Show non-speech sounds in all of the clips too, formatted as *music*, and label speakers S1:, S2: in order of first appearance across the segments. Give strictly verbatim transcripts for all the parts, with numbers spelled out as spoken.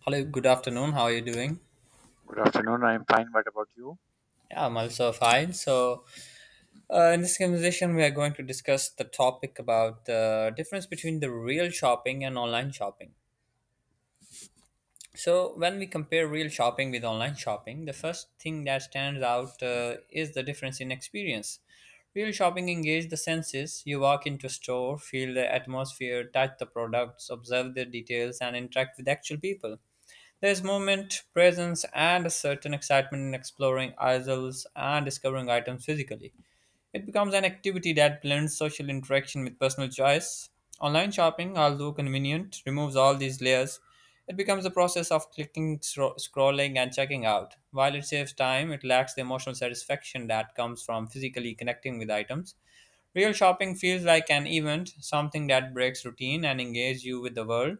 S1: Hello, good afternoon. How are you doing?
S2: Good afternoon. I'm fine. What about you?
S1: Yeah, I'm also fine. So, uh, in this conversation, we are going to discuss the topic about the difference between the real shopping and online shopping. So, when we compare real shopping with online shopping, the first thing that stands out uh, is the difference in experience. Real shopping engages the senses. You walk into a store, feel the atmosphere, touch the products, observe the details, and interact with actual people. There is movement, presence, and a certain excitement in exploring ourselves and discovering items physically. It becomes an activity that blends social interaction with personal choice. Online shopping, although convenient, removes all these layers. It becomes a process of clicking, scro- scrolling, and checking out. While it saves time, it lacks the emotional satisfaction that comes from physically connecting with items. Real shopping feels like an event, something that breaks routine and engages you with the world.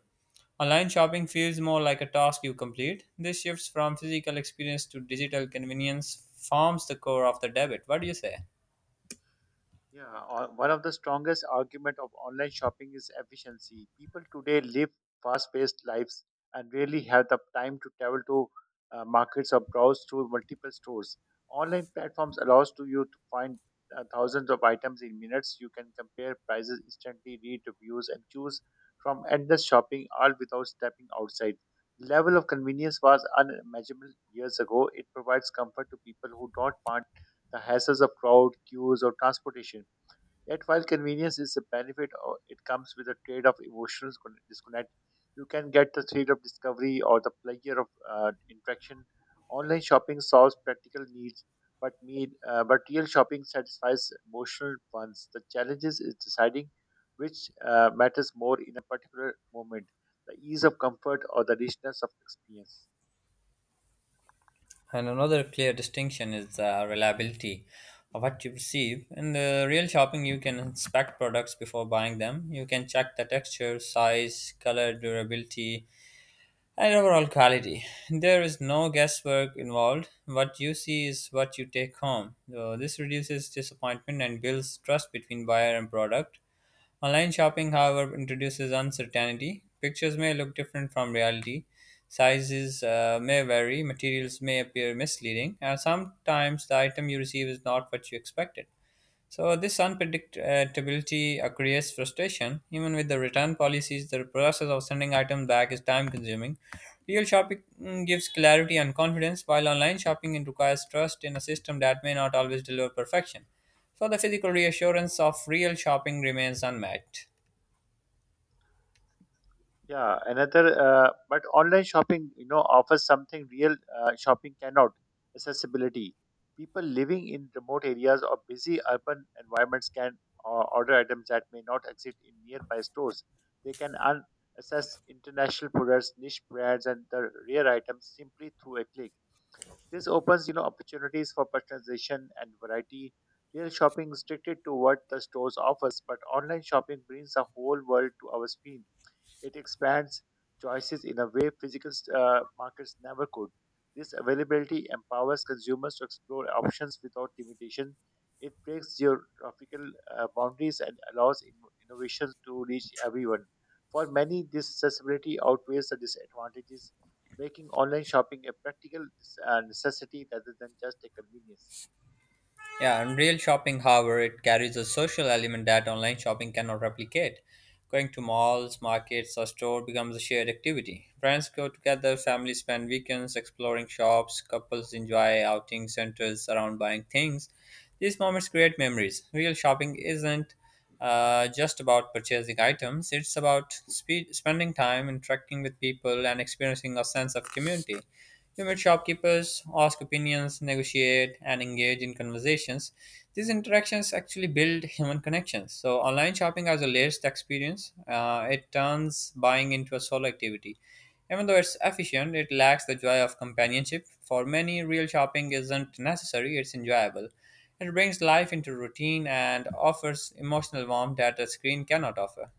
S1: Online shopping feels more like a task you complete. This shifts from physical experience to digital convenience forms the core of the debit. What do you say?
S2: Yeah, o- one of the strongest argument of online shopping is efficiency. People today live fast-paced lives and rarely have the time to travel to uh, markets or browse through multiple stores. Online platforms allows to you to find uh, thousands of items in minutes. You can compare prices instantly, read reviews, and choose from endless shopping, all without stepping outside. The level of convenience was unimaginable years ago. It provides comfort to people who don't want the hassles of crowd, queues, or transportation. Yet, while convenience is a benefit, uh, it comes with a trade of emotional con- disconnect. You can get the thrill of discovery or the pleasure of uh, interaction. Online shopping solves practical needs, but need, uh, but real shopping satisfies emotional ones. The challenges is deciding which uh, matters more in a particular moment: the ease of comfort or the richness of experience.
S1: And another clear distinction is the reliability of what you receive. In the real shopping, you can inspect products before buying them. You can check the texture, size, color, durability, and overall quality. There is no guesswork involved. What you see is what you take home. So this reduces disappointment and builds trust between buyer and product. Online shopping, however, introduces uncertainty. Pictures may look different from reality, sizes uh, may vary, materials may appear misleading, and sometimes the item you receive is not what you expected. So, this unpredictability uh, creates frustration. Even with the return policies, the process of sending items back is time consuming. Real shopping mm, gives clarity and confidence, while online shopping it requires trust in a system that may not always deliver perfection. So, the physical reassurance of real shopping remains unmatched.
S2: Yeah, another, uh, but online shopping, you know, offers something real uh, shopping cannot accessibility. People living in remote areas or busy urban environments can uh, order items that may not exist in nearby stores. They can un- access international products, niche brands, and the rare items simply through a click. This opens, you know, opportunities for personalization and variety. Real shopping is restricted to what the stores offers, but online shopping brings the whole world to our screen it expands choices in a way physical uh, markets never could. This availability empowers consumers to explore options without limitation. It breaks geographical uh, boundaries and allows in- innovations to reach everyone. For many, this accessibility outweighs the disadvantages, making online shopping a practical uh, necessity rather than just a convenience.
S1: Yeah, in real shopping, however, it carries a social element that online shopping cannot replicate. Going to malls, markets, or store becomes a shared activity. Friends go together, families spend weekends exploring shops, couples enjoy outing centers around buying things. These moments create memories. Real shopping isn't uh, just about purchasing items, it's about spe- spending time interacting with people and experiencing a sense of community. We meet shopkeepers, ask opinions, negotiate, and engage in conversations. These interactions actually build human connections. So, online shopping has a layered experience. Uh, it turns buying into a solo activity. Even though it's efficient, it lacks the joy of companionship. For many, real shopping isn't necessary, it's enjoyable. It brings life into routine and offers emotional warmth that a screen cannot offer.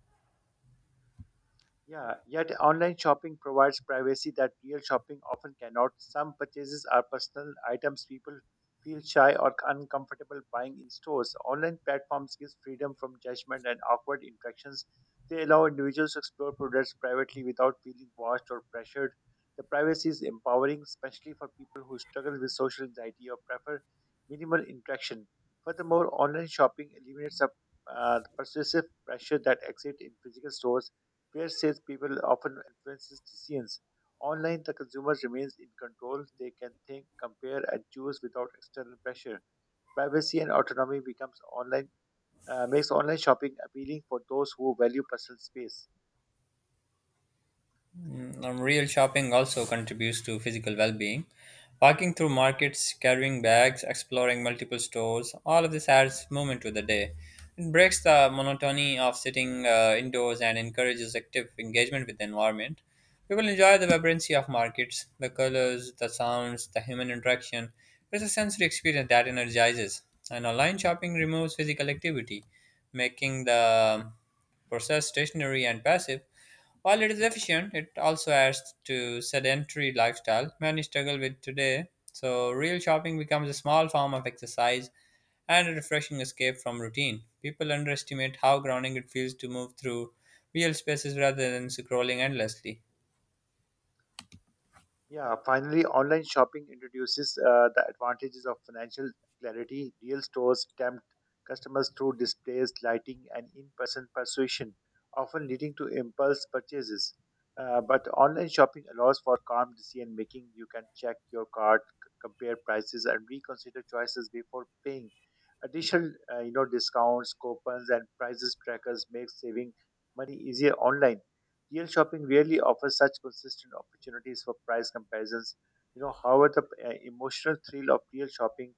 S2: Yeah, yet online shopping provides privacy that real shopping often cannot. Some purchases are personal items people feel shy or uncomfortable buying in stores. Online platforms give freedom from judgment and awkward interactions. They allow individuals to explore products privately without feeling watched or pressured. The privacy is empowering, especially for people who struggle with social anxiety or prefer minimal interaction. Furthermore, online shopping eliminates the uh, the persuasive pressure that exists in physical stores where salespeople often influences decisions. Online, the consumer remains in control. They can think, compare, and choose without external pressure. Privacy and autonomy becomes online uh, makes online shopping appealing for those who value personal space.
S1: Mm, Um, real shopping also contributes to physical well being. Walking through markets, carrying bags, exploring multiple stores, all of this adds movement to the day. It breaks the monotony of sitting uh, indoors and encourages active engagement with the environment. People enjoy the vibrancy of markets, the colors, the sounds, the human interaction. It's a sensory experience that energizes. And online shopping removes physical activity, making the process stationary and passive. While it is efficient, it also adds to sedentary lifestyle many struggle with today. So real shopping becomes a small form of exercise and a refreshing escape from routine. People underestimate how grounding it feels to move through real spaces rather than scrolling endlessly.
S2: Yeah, finally, online shopping introduces uh, the advantages of financial clarity. Real stores tempt customers through displays, lighting, and in person persuasion, often leading to impulse purchases. Uh, but online shopping allows for calm decision making. You can check your cart, c- compare prices, and reconsider choices before paying. Additional, uh, you know, discounts, coupons, and prices trackers make saving money easier online. Deal shopping rarely offers such consistent opportunities for price comparisons. You know, however, the uh, emotional thrill of deal shopping,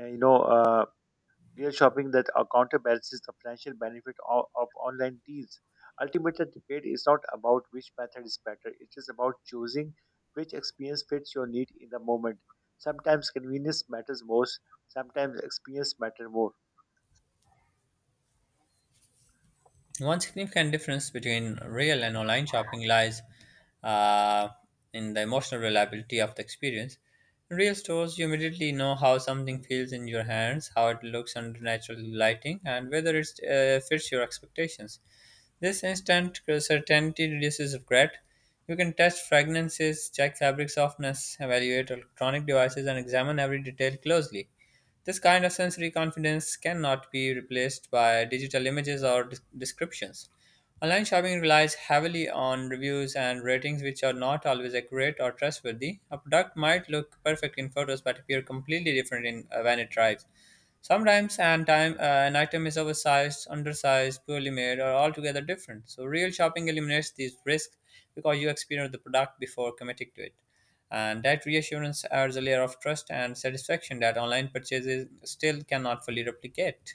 S2: uh, you know, uh, deal shopping that uh, counterbalances the financial benefit of, of online deals. Ultimately, the debate is not about which method is better. It is about choosing which experience fits your need in the moment. Sometimes convenience matters most. Sometimes experience matters more.
S1: One significant difference between real and online shopping lies uh, in the emotional reliability of the experience. In real stores, you immediately know how something feels in your hands, how it looks under natural lighting, and whether it uh, fits your expectations. This instant certainty reduces regret. You can test fragrances, check fabric softness, evaluate electronic devices, and examine every detail closely. This kind of sensory confidence cannot be replaced by digital images or des- descriptions. Online shopping relies heavily on reviews and ratings, which are not always accurate or trustworthy. A product might look perfect in photos but appear completely different in, uh, when it arrives. Sometimes an, time, uh, an item is oversized, undersized, poorly made, or altogether different. So, real shopping eliminates these risks because you experience the product before committing to it. And that reassurance adds a layer of trust and satisfaction that online purchases still cannot fully replicate.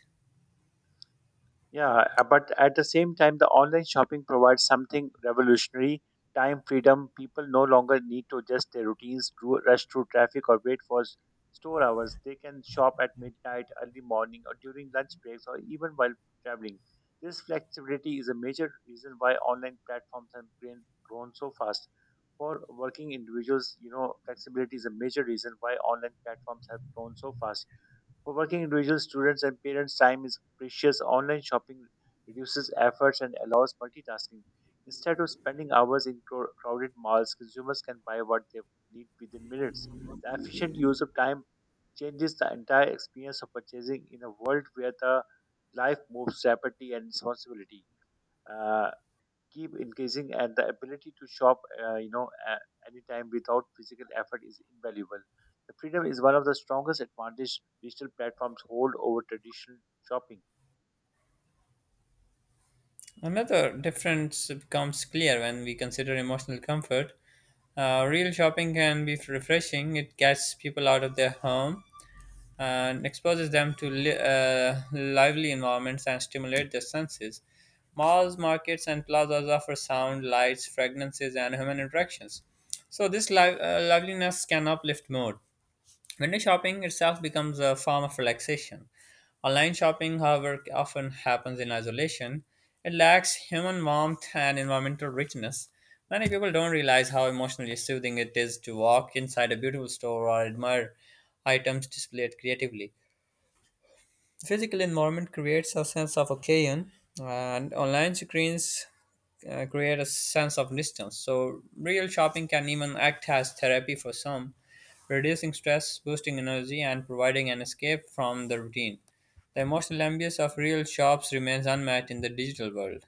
S2: Yeah, uh, but at the same time, the online shopping provides something revolutionary time freedom. People no longer need to adjust their routines, ru- rush through traffic, or wait for s- store hours. They can shop at midnight, early morning, or during lunch breaks, or even while traveling. This flexibility is a major reason why online platforms have grown grown so fast. For working individuals, you know, flexibility is a major reason why online platforms have grown so fast for working individuals, students, and parents, time is precious. Online shopping reduces efforts and allows multitasking. Instead of spending hours in cro- crowded malls, consumers can buy what they need within minutes. The efficient use of time changes the entire experience of purchasing in a world where the life moves rapidly and responsibility. Uh, keep increasing and the ability to shop uh, you know a- anytime without physical effort is invaluable the freedom is one of the strongest advantages digital platforms hold over traditional shopping.
S1: Another difference becomes clear when we consider emotional comfort. Uh, real shopping can be refreshing, it gets people out of their home and exposes them to li- uh, lively environments and stimulate their senses. Malls, markets, and plazas offer sound, lights, fragrances, and human interactions. So, this live, uh, liveliness can uplift mood. Window shopping itself becomes a form of relaxation. Online shopping, however, often happens in isolation. It lacks human warmth and environmental richness. Many people don't realize how emotionally soothing it is to walk inside a beautiful store or admire items displayed creatively. Physical environment creates a sense of occasion, and online screens uh, create a sense of distance. So, real shopping can even act as therapy for some, reducing stress, boosting energy, and providing an escape from the routine. The emotional ambience of real shops remains unmatched in the digital world.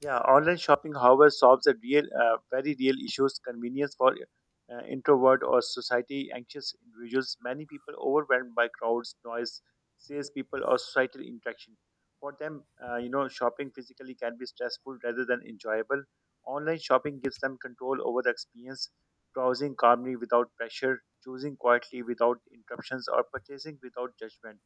S2: Yeah, online shopping, however, solves a real, uh, very real issues. Convenience for uh, introvert or society anxious individuals. Many people overwhelmed by crowds, noise, salespeople, or societal interaction. For them, uh, you know, shopping physically can be stressful rather than enjoyable. Online shopping gives them control over the experience, browsing calmly without pressure, choosing quietly without interruptions, or purchasing without judgment.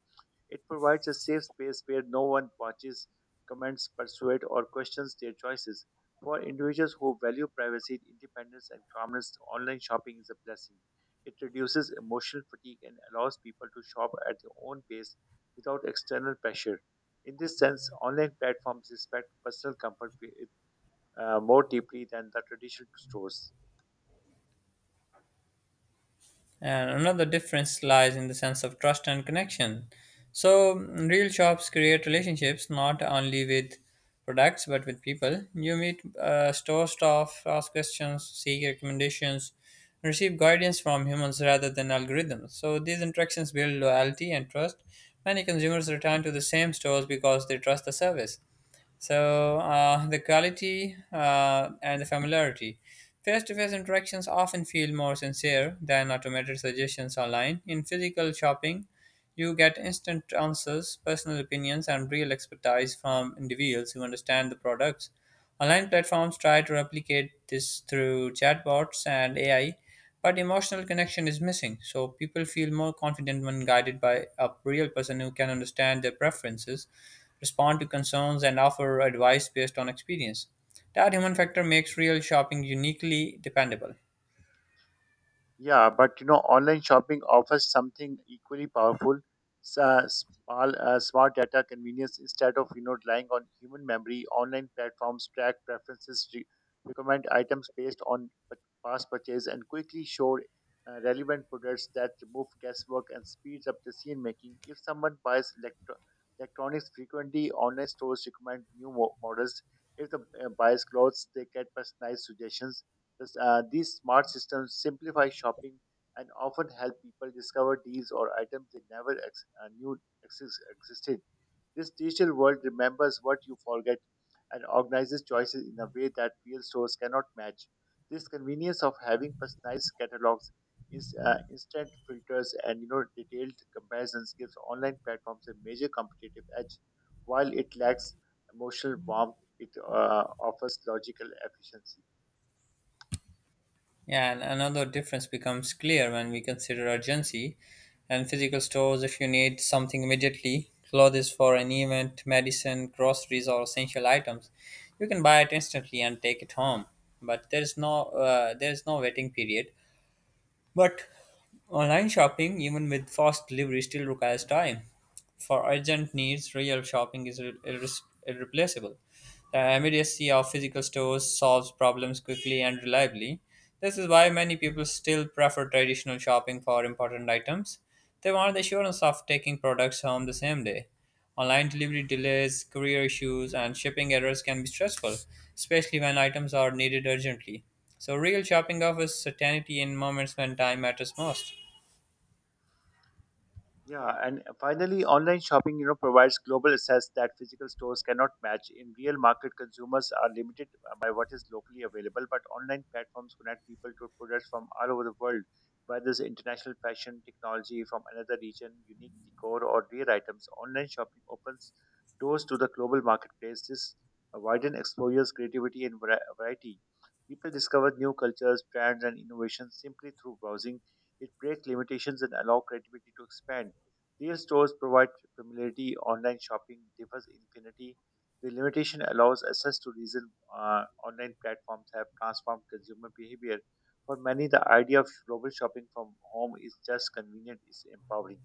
S2: It provides a safe space where no one watches, comments, persuades, or questions their choices. For individuals who value privacy, independence, and calmness, online shopping is a blessing. It reduces emotional fatigue and allows people to shop at their own pace without external pressure. In this sense, online platforms respect personal comfort uh, more deeply than the traditional stores.
S1: And another difference lies in the sense of trust and connection. So, mm, real shops create relationships not only with products but with people. You meet uh, store staff, ask questions, seek recommendations, receive guidance from humans rather than algorithms. So, these interactions build loyalty and trust. Many consumers return to the same stores because they trust the service. So uh, the quality uh, and the familiarity. Face-to-face interactions often feel more sincere than automated suggestions online. In physical shopping, you get instant answers, personal opinions, and real expertise from individuals who understand the products. Online platforms try to replicate this through chatbots and A I, but emotional connection is missing, so people feel more confident when guided by a real person who can understand their preferences, respond to concerns, and offer advice based on experience. That human factor makes real shopping uniquely dependable.
S2: Yeah, but you know, online shopping offers something equally powerful: s- uh, small, uh, smart data convenience. Instead of you know relying on human memory, online platforms track preferences, re- recommend items based on p- past purchase, and quickly show uh, relevant products that remove guesswork and speeds up decision making. If someone buys electro- electronics frequently, online stores recommend new mo- models. If the uh, buys clothes, they get personalized suggestions uh, these smart systems simplify shopping and often help people discover deals or items they never ex- uh, knew exis- existed. This digital world remembers what you forget and organizes choices in a way that real stores cannot match. This convenience of having personalized catalogs, is, uh, instant filters, and you know detailed comparisons gives online platforms a major competitive edge. While it lacks emotional warmth, it uh, offers logical efficiency.
S1: Yeah, and another difference becomes clear when we consider urgency and physical stores. If you need something immediately, clothes for an event, medicine, groceries, or essential items, you can buy it instantly and take it home. But there is no uh, there is no waiting period, but online shopping, even with fast delivery, still requires time. For urgent needs, real shopping is irre- irre- irreplaceable. The immediacy of physical stores solves problems quickly and reliably. This is why many people still prefer traditional shopping for important items. They want the assurance of taking products home the same day. Online delivery delays, courier issues, and shipping errors can be stressful, especially when items are needed urgently. So, real shopping offers certainty in moments when time matters most.
S2: Yeah, and finally, online shopping, you know, provides global access that physical stores cannot match. In real market, consumers are limited uh, by what is locally available, but online platforms connect people to products from all over the world, whether it's international fashion, technology from another region, unique decor, or rare items. Online shopping opens doors to the global marketplace. This widens exposures, creativity, and vari- variety. People discover new cultures, brands, and innovations simply through browsing. It breaks limitations and allows creativity to expand. Real stores provide familiarity, online shopping differs infinity. The limitation allows access to reason uh, online platforms have transformed consumer behavior. For many, the idea of global shopping from home is just convenient, is empowering.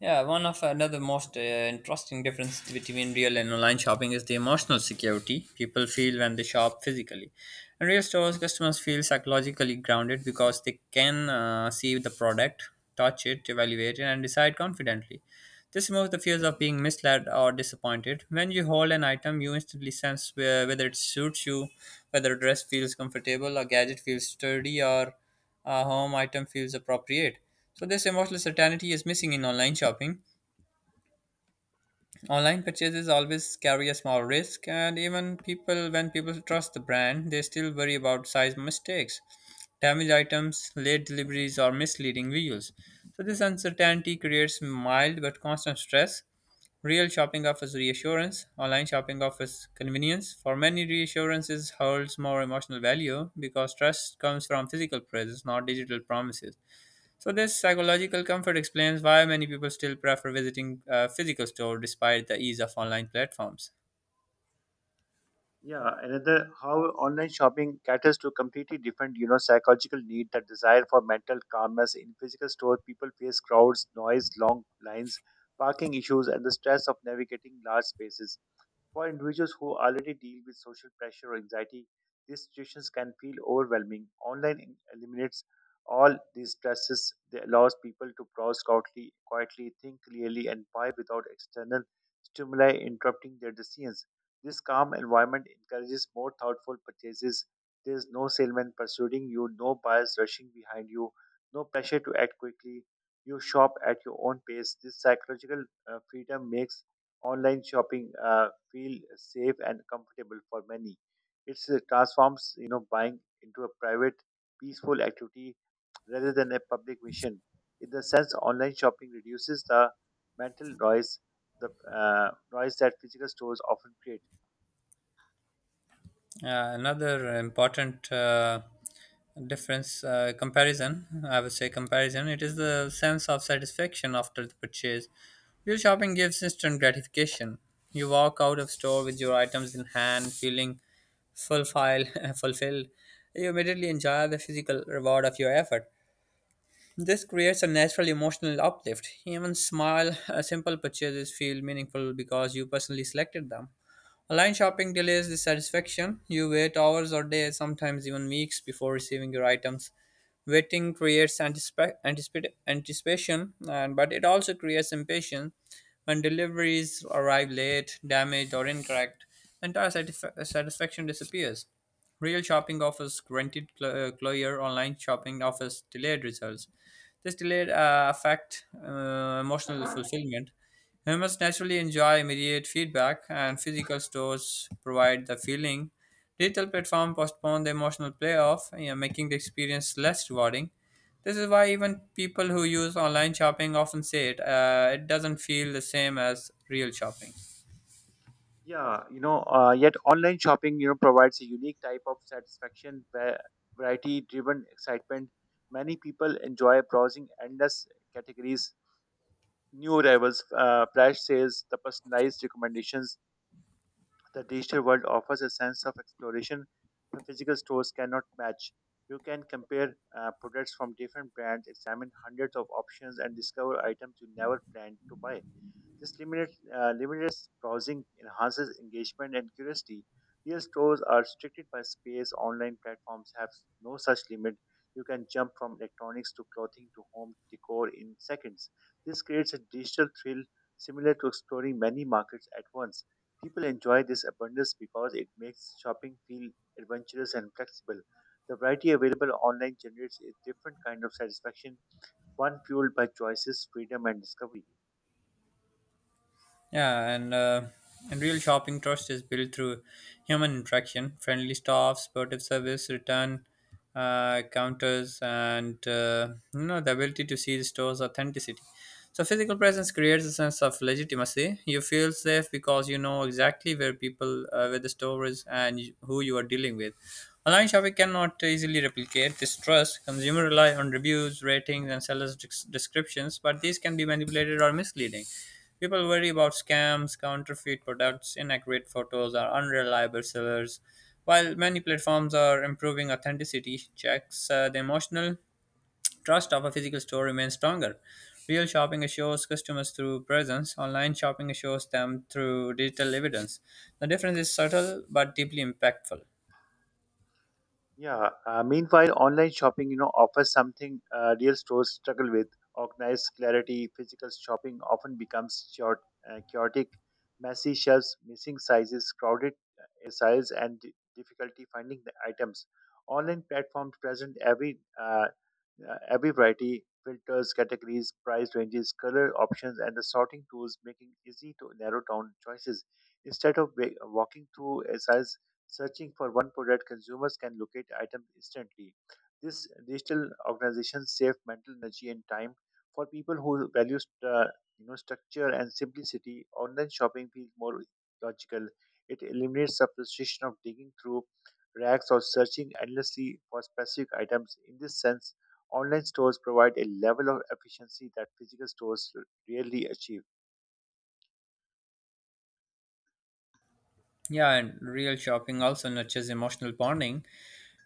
S1: Yeah, one of another most uh, interesting difference between real and online shopping is the emotional security people feel when they shop physically. In real stores, customers feel psychologically grounded because they can uh, see the product, touch it, evaluate it, and decide confidently. This removes the fears of being misled or disappointed. When you hold an item, you instantly sense where, whether it suits you, whether a dress feels comfortable, a gadget feels sturdy, or a home item feels appropriate. So, this emotional certainty is missing in online shopping. Online purchases always carry a small risk, and even people, when people trust the brand, they still worry about size mistakes, damaged items, late deliveries, or misleading reviews. So, this uncertainty creates mild but constant stress. Real shopping offers reassurance, online shopping offers convenience. For many, reassurances holds more emotional value because trust comes from physical presence, not digital promises. So this psychological comfort explains why many people still prefer visiting a physical store despite the ease of online platforms.
S2: Yeah, another how online shopping caters to completely different, you know, psychological need, the desire for mental calmness. In physical store, people face crowds, noise, long lines, parking issues, and the stress of navigating large spaces. For individuals who already deal with social pressure or anxiety, these situations can feel overwhelming. Online in- eliminates all these stresses. They allows people to browse quietly, quietly, think clearly, and buy without external stimuli interrupting their decisions. This calm environment encourages more thoughtful purchases. There is no salesman pursuing you, no buyers rushing behind you, no pressure to act quickly. You shop at your own pace. This psychological uh, freedom makes online shopping uh, feel safe and comfortable for many. It transforms, you know, buying into a private, peaceful activity rather than a public mission. In the sense, online shopping reduces the mental noise, the uh, noise that physical stores often create.
S1: Uh, another important uh, difference uh, comparison I would say comparison it is the sense of satisfaction after the purchase. Real shopping gives instant gratification. You walk out of store with your items in hand feeling fulfilled *laughs* fulfilled. You immediately enjoy the physical reward of your effort. This creates a natural emotional uplift. Even small, uh, simple purchases feel meaningful because you personally selected them. Online shopping delays the satisfaction. You wait hours or days, sometimes even weeks, before receiving your items. Waiting creates anticipa- anticipa- anticipation, and but it also creates impatience when deliveries arrive late, damaged, or incorrect. Entire satisfa- satisfaction disappears. Real shopping offers granted cl- uh, closure. Online shopping offers delayed results. This delayed uh, affect uh, emotional fulfillment. We must naturally enjoy immediate feedback, and physical stores provide the feeling. Digital platforms postpone the emotional payoff, you know, making the experience less rewarding. This is why even people who use online shopping often say it, uh, it doesn't feel the same as real shopping.
S2: Yeah, you know, uh, yet online shopping, you know, provides a unique type of satisfaction, where variety-driven excitement. Many people enjoy browsing endless categories new arrivals, uh, Flash says the personalized recommendations the digital world offers a sense of exploration the physical stores cannot match. You can compare uh, products from different brands, examine hundreds of options, and discover items you never planned to buy. This limited, uh, limited browsing enhances engagement and curiosity. Real stores are restricted by space. Online platforms have no such limit. You can jump from electronics to clothing to home decor in seconds. This creates a digital thrill similar to exploring many markets at once. People enjoy this abundance because it makes shopping feel adventurous and flexible. The variety available online generates a different kind of satisfaction, one fueled by choices, freedom, and discovery.
S1: Yeah, and uh, and real shopping trust is built through human interaction, friendly staff, supportive service, return uh, counters, and uh, you know the ability to see the store's authenticity. So physical presence creates a sense of legitimacy. You feel safe because you know exactly where people, uh, where the store is, and you- who you are dealing with. Online shopping cannot easily replicate this trust. Consumers rely on reviews, ratings, and sellers' des- descriptions, but these can be manipulated or misleading. People worry about scams, counterfeit products, inaccurate photos, or unreliable sellers. While many platforms are improving authenticity checks, uh, the emotional trust of a physical store remains stronger. Real shopping assures customers through presence, online shopping assures them through digital evidence. The difference is subtle but deeply impactful.
S2: Yeah. Uh, meanwhile, online shopping, you know, offers something uh, real stores struggle with. Organized clarity, physical shopping often becomes short, uh, chaotic, messy shelves, missing sizes, crowded uh, aisles, and di- difficulty finding the items. Online platforms present every uh, uh, every variety, filters, categories, price ranges, color options, and the sorting tools, making easy to narrow down choices. Instead of wa- walking through aisles searching for one product, consumers can locate items instantly. This digital organization save mental energy and time. For people who value st- uh, you know structure and simplicity, online shopping feels more logical. It eliminates the frustration of digging through racks or searching endlessly for specific items. In this sense, online stores provide a level of efficiency that physical stores rarely achieve.
S1: Yeah, and real shopping also nurtures emotional bonding.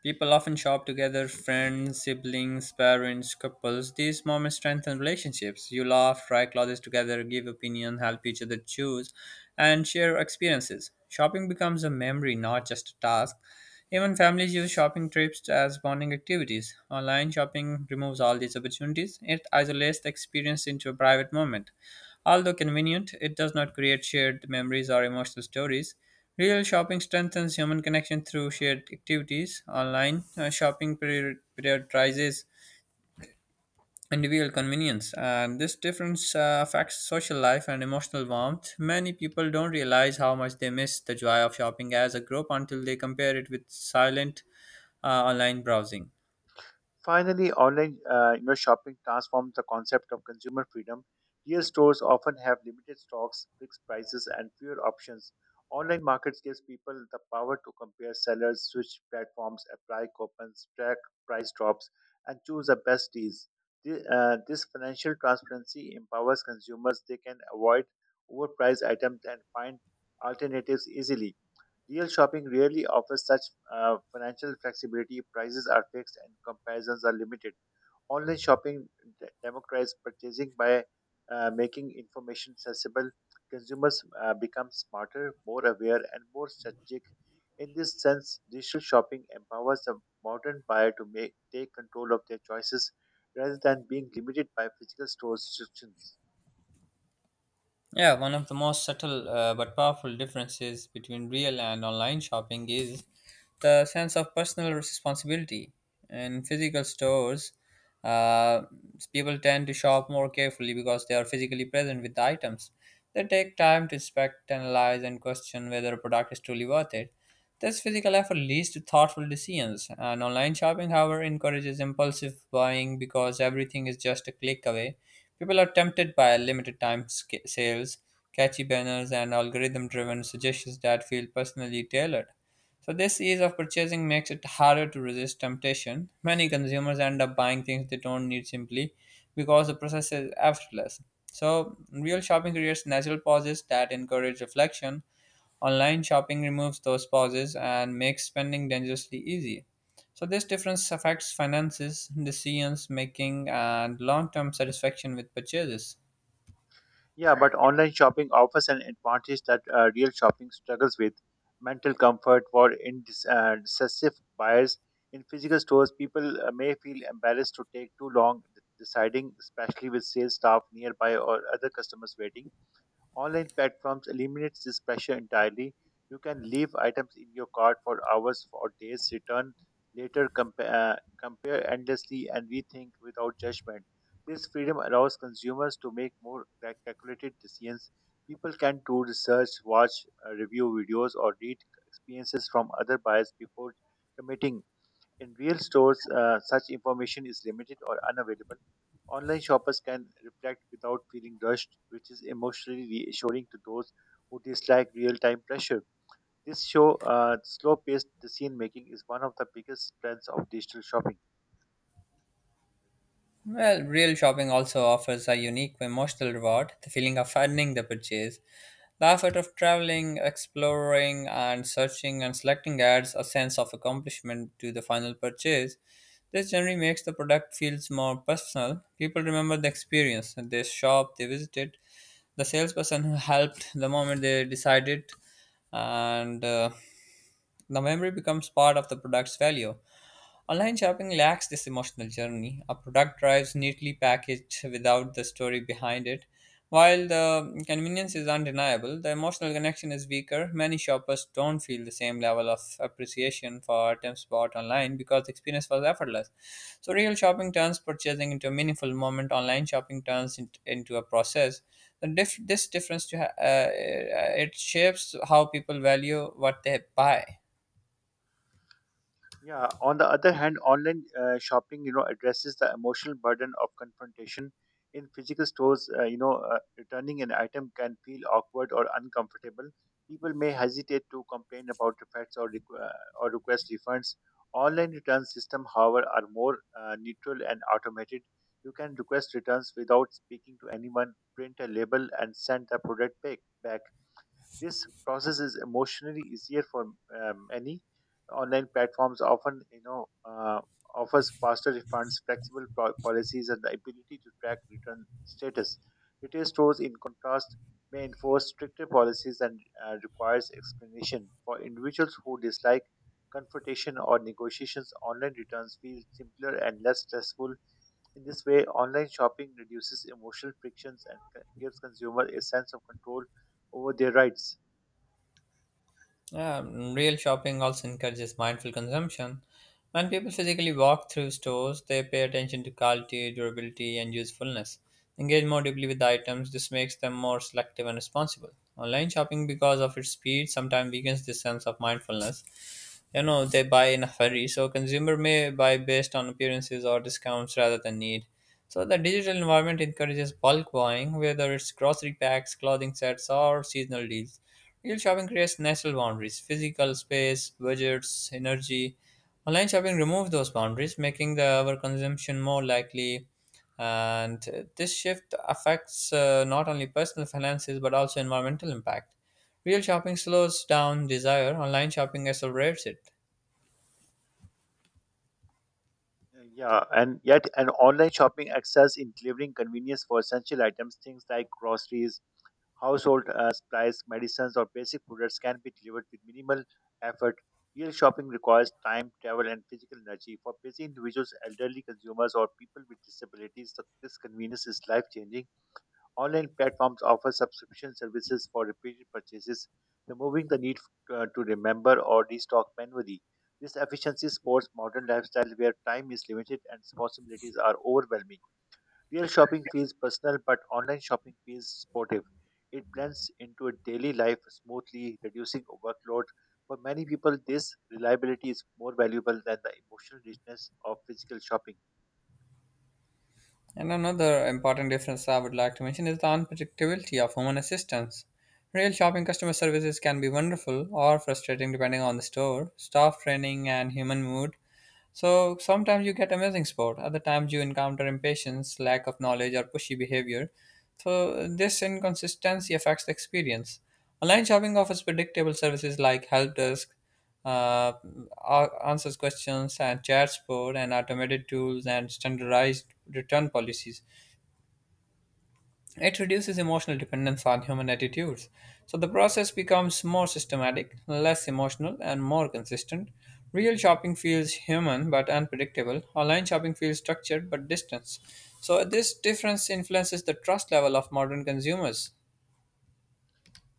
S1: People often shop together, friends, siblings, parents, couples. These moments strengthen relationships. You laugh, try clothes together, give opinion, help each other choose, and share experiences. Shopping becomes a memory, not just a task. Even families use shopping trips as bonding activities. Online shopping removes all these opportunities. It isolates the experience into a private moment. Although convenient, it does not create shared memories or emotional stories. Real shopping strengthens human connection through shared activities. Online uh, shopping prior- prioritizes individual convenience, and this difference uh, affects social life and emotional warmth. Many people don't realize how much they miss the joy of shopping as a group until they compare it with silent uh, online browsing.
S2: Finally, online uh, you know, shopping transforms the concept of consumer freedom. Real stores often have limited stocks, fixed prices, and fewer options. Online markets gives people the power to compare sellers, switch platforms, apply coupons, track price drops, and choose the best deals. The- uh, This financial transparency empowers consumers. They can avoid overpriced items and find alternatives easily. Real shopping rarely offers such uh, financial flexibility. Prices are fixed and comparisons are limited. Online shopping de- democratizes purchasing by uh, making information accessible. Consumers uh, become smarter, more aware, and more strategic. In this sense, digital shopping empowers the modern buyer to make, take control of their choices rather than being limited by physical store restrictions.
S1: Yeah, one of the most subtle uh, but powerful differences between real and online shopping is the sense of personal responsibility. In physical stores, uh, people tend to shop more carefully because they are physically present with the items. They take time to inspect, analyze, and question whether a product is truly worth it. This physical effort leads to thoughtful decisions, and online shopping, however, encourages impulsive buying because everything is just a click away. People are tempted by limited time sca- sales, catchy banners, and algorithm driven suggestions that feel personally tailored. So, this ease of purchasing makes it harder to resist temptation. Many consumers end up buying things they don't need simply because the process is effortless. So, real shopping creates natural pauses that encourage reflection. Online shopping removes those pauses and makes spending dangerously easy. So, this difference affects finances, decisions making, and long term satisfaction with purchases.
S2: Yeah, but online shopping offers an advantage that uh, real shopping struggles with mental comfort for indes- uh, decisive buyers. In physical stores, people uh, may feel embarrassed to take too long de- deciding, especially with sales staff nearby or other customers waiting. Online platforms eliminates this pressure entirely. You can leave items in your cart for hours or days, return later, compa- uh, compare endlessly, and rethink without judgment. This freedom allows consumers to make more ca- calculated decisions. People can do research, watch uh, review videos, or read experiences from other buyers before committing. In real stores, uh, such information is limited or unavailable. Online shoppers can reflect without feeling rushed, which is emotionally reassuring to those who dislike real time pressure. This show, uh, slow paced decision making is one of the biggest strengths of digital shopping.
S1: Well, real shopping also offers a unique emotional reward, the feeling of earning the purchase. The effort of traveling, exploring, and searching and selecting adds a sense of accomplishment to the final purchase. This generally makes the product feels more personal. People remember the experience, they shop, they visited, the salesperson who helped the moment they decided, and uh, the memory becomes part of the product's value. Online shopping lacks this emotional journey. A product arrives neatly packaged without the story behind it. While the convenience is undeniable, the emotional connection is weaker. Many shoppers don't feel the same level of appreciation for items bought online because the experience was effortless. So, real shopping turns purchasing into a meaningful moment. Online shopping turns it into a process. The dif- this difference to ha- uh, it shapes how people value what they buy.
S2: Yeah, on the other hand, online uh, shopping, you know, addresses the emotional burden of confrontation. In physical stores, uh, you know, uh, returning an item can feel awkward or uncomfortable. People may hesitate to complain about defects or requ- uh, or request refunds. Online return system, however, are more uh, neutral and automated. You can request returns without speaking to anyone, print a label, and send the product back. back. This process is emotionally easier for uh, many. Online platforms often, you know, uh, offers faster refunds, flexible po- policies, and the ability to track return status. Retail stores, in contrast, may enforce stricter policies and uh, requires explanation. For individuals who dislike confrontation or negotiations, online returns feel simpler and less stressful. In this way, online shopping reduces emotional frictions and c- gives consumers a sense of control over their rights.
S1: Um, real shopping also encourages mindful consumption. When people physically walk through stores, they pay attention to quality, durability, and usefulness. Engage more deeply with the items. This makes them more selective and responsible. Online shopping, because of its speed, sometimes weakens this sense of mindfulness. You know, they buy in a hurry, so consumer may buy based on appearances or discounts rather than need. So the digital environment encourages bulk buying, whether it's grocery packs, clothing sets, or seasonal deals. Real shopping creates natural boundaries, physical space, budgets, energy. Online shopping removes those boundaries, making the our consumption more likely. And uh, this shift affects, uh, not only personal finances but also environmental impact. Real shopping slows down desire, online shopping accelerates it.
S2: Yeah, and yet an online shopping excels in delivering convenience for essential items, things like groceries, household uh, supplies, medicines, or basic products can be delivered with minimal effort. Real shopping requires time, travel, and physical energy. For busy individuals, elderly consumers, or people with disabilities, the- this convenience is life changing. Online platforms offer subscription services for repeated purchases, removing the need uh, to remember or restock manually. This efficiency supports modern lifestyle where time is limited and responsibilities are overwhelming. Real shopping feels personal, but online shopping feels supportive. It blends into a daily life smoothly, reducing workload. For many people, this reliability is more valuable than the emotional richness of physical shopping.
S1: And another important difference I would like to mention is the unpredictability of human assistance. Real shopping customer services can be wonderful or frustrating depending on the store, staff training, and human mood. So sometimes you get amazing sport. Other times you encounter impatience, lack of knowledge, or pushy behavior. So this inconsistency affects the experience. Online shopping offers predictable services like help desk, uh, a- answers questions, and chat support, and automated tools and standardized return policies. It reduces emotional dependence on human attitudes. So the process becomes more systematic, less emotional, and more consistent. Real shopping feels human but unpredictable. Online shopping feels structured but distant. So this difference influences the trust level of modern consumers.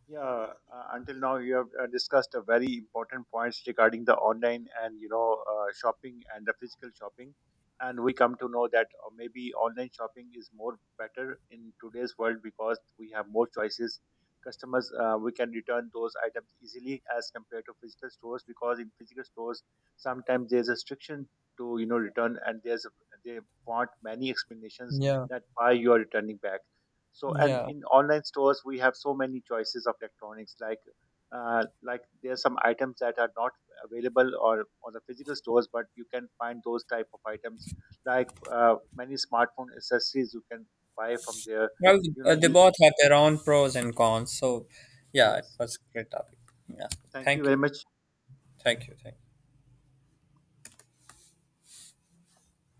S2: Yeah, uh, until now you have uh, discussed a very important points regarding the online and you know uh, shopping and the physical shopping, and we come to know that uh, maybe online shopping is more better in today's world because we have more choices. Customers, uh, we can return those items easily as compared to physical stores, because in physical stores sometimes there's a restriction to, you know, return, and there's a, they want many explanations
S1: Yeah,
S2: that why you are returning back. So, and
S1: yeah.
S2: in online stores we have so many choices of electronics, like uh, like there are some items that are not available or on the physical stores, but you can find those type of items like uh, many smartphone accessories you can buy from there.
S1: Well,
S2: you
S1: uh,
S2: know
S1: they
S2: e-
S1: both have their own pros and cons. So, yeah, it
S2: yes,
S1: was a great topic. Yeah,
S2: thank you
S1: thank
S2: very
S1: you,
S2: much.
S1: thank you, thank you.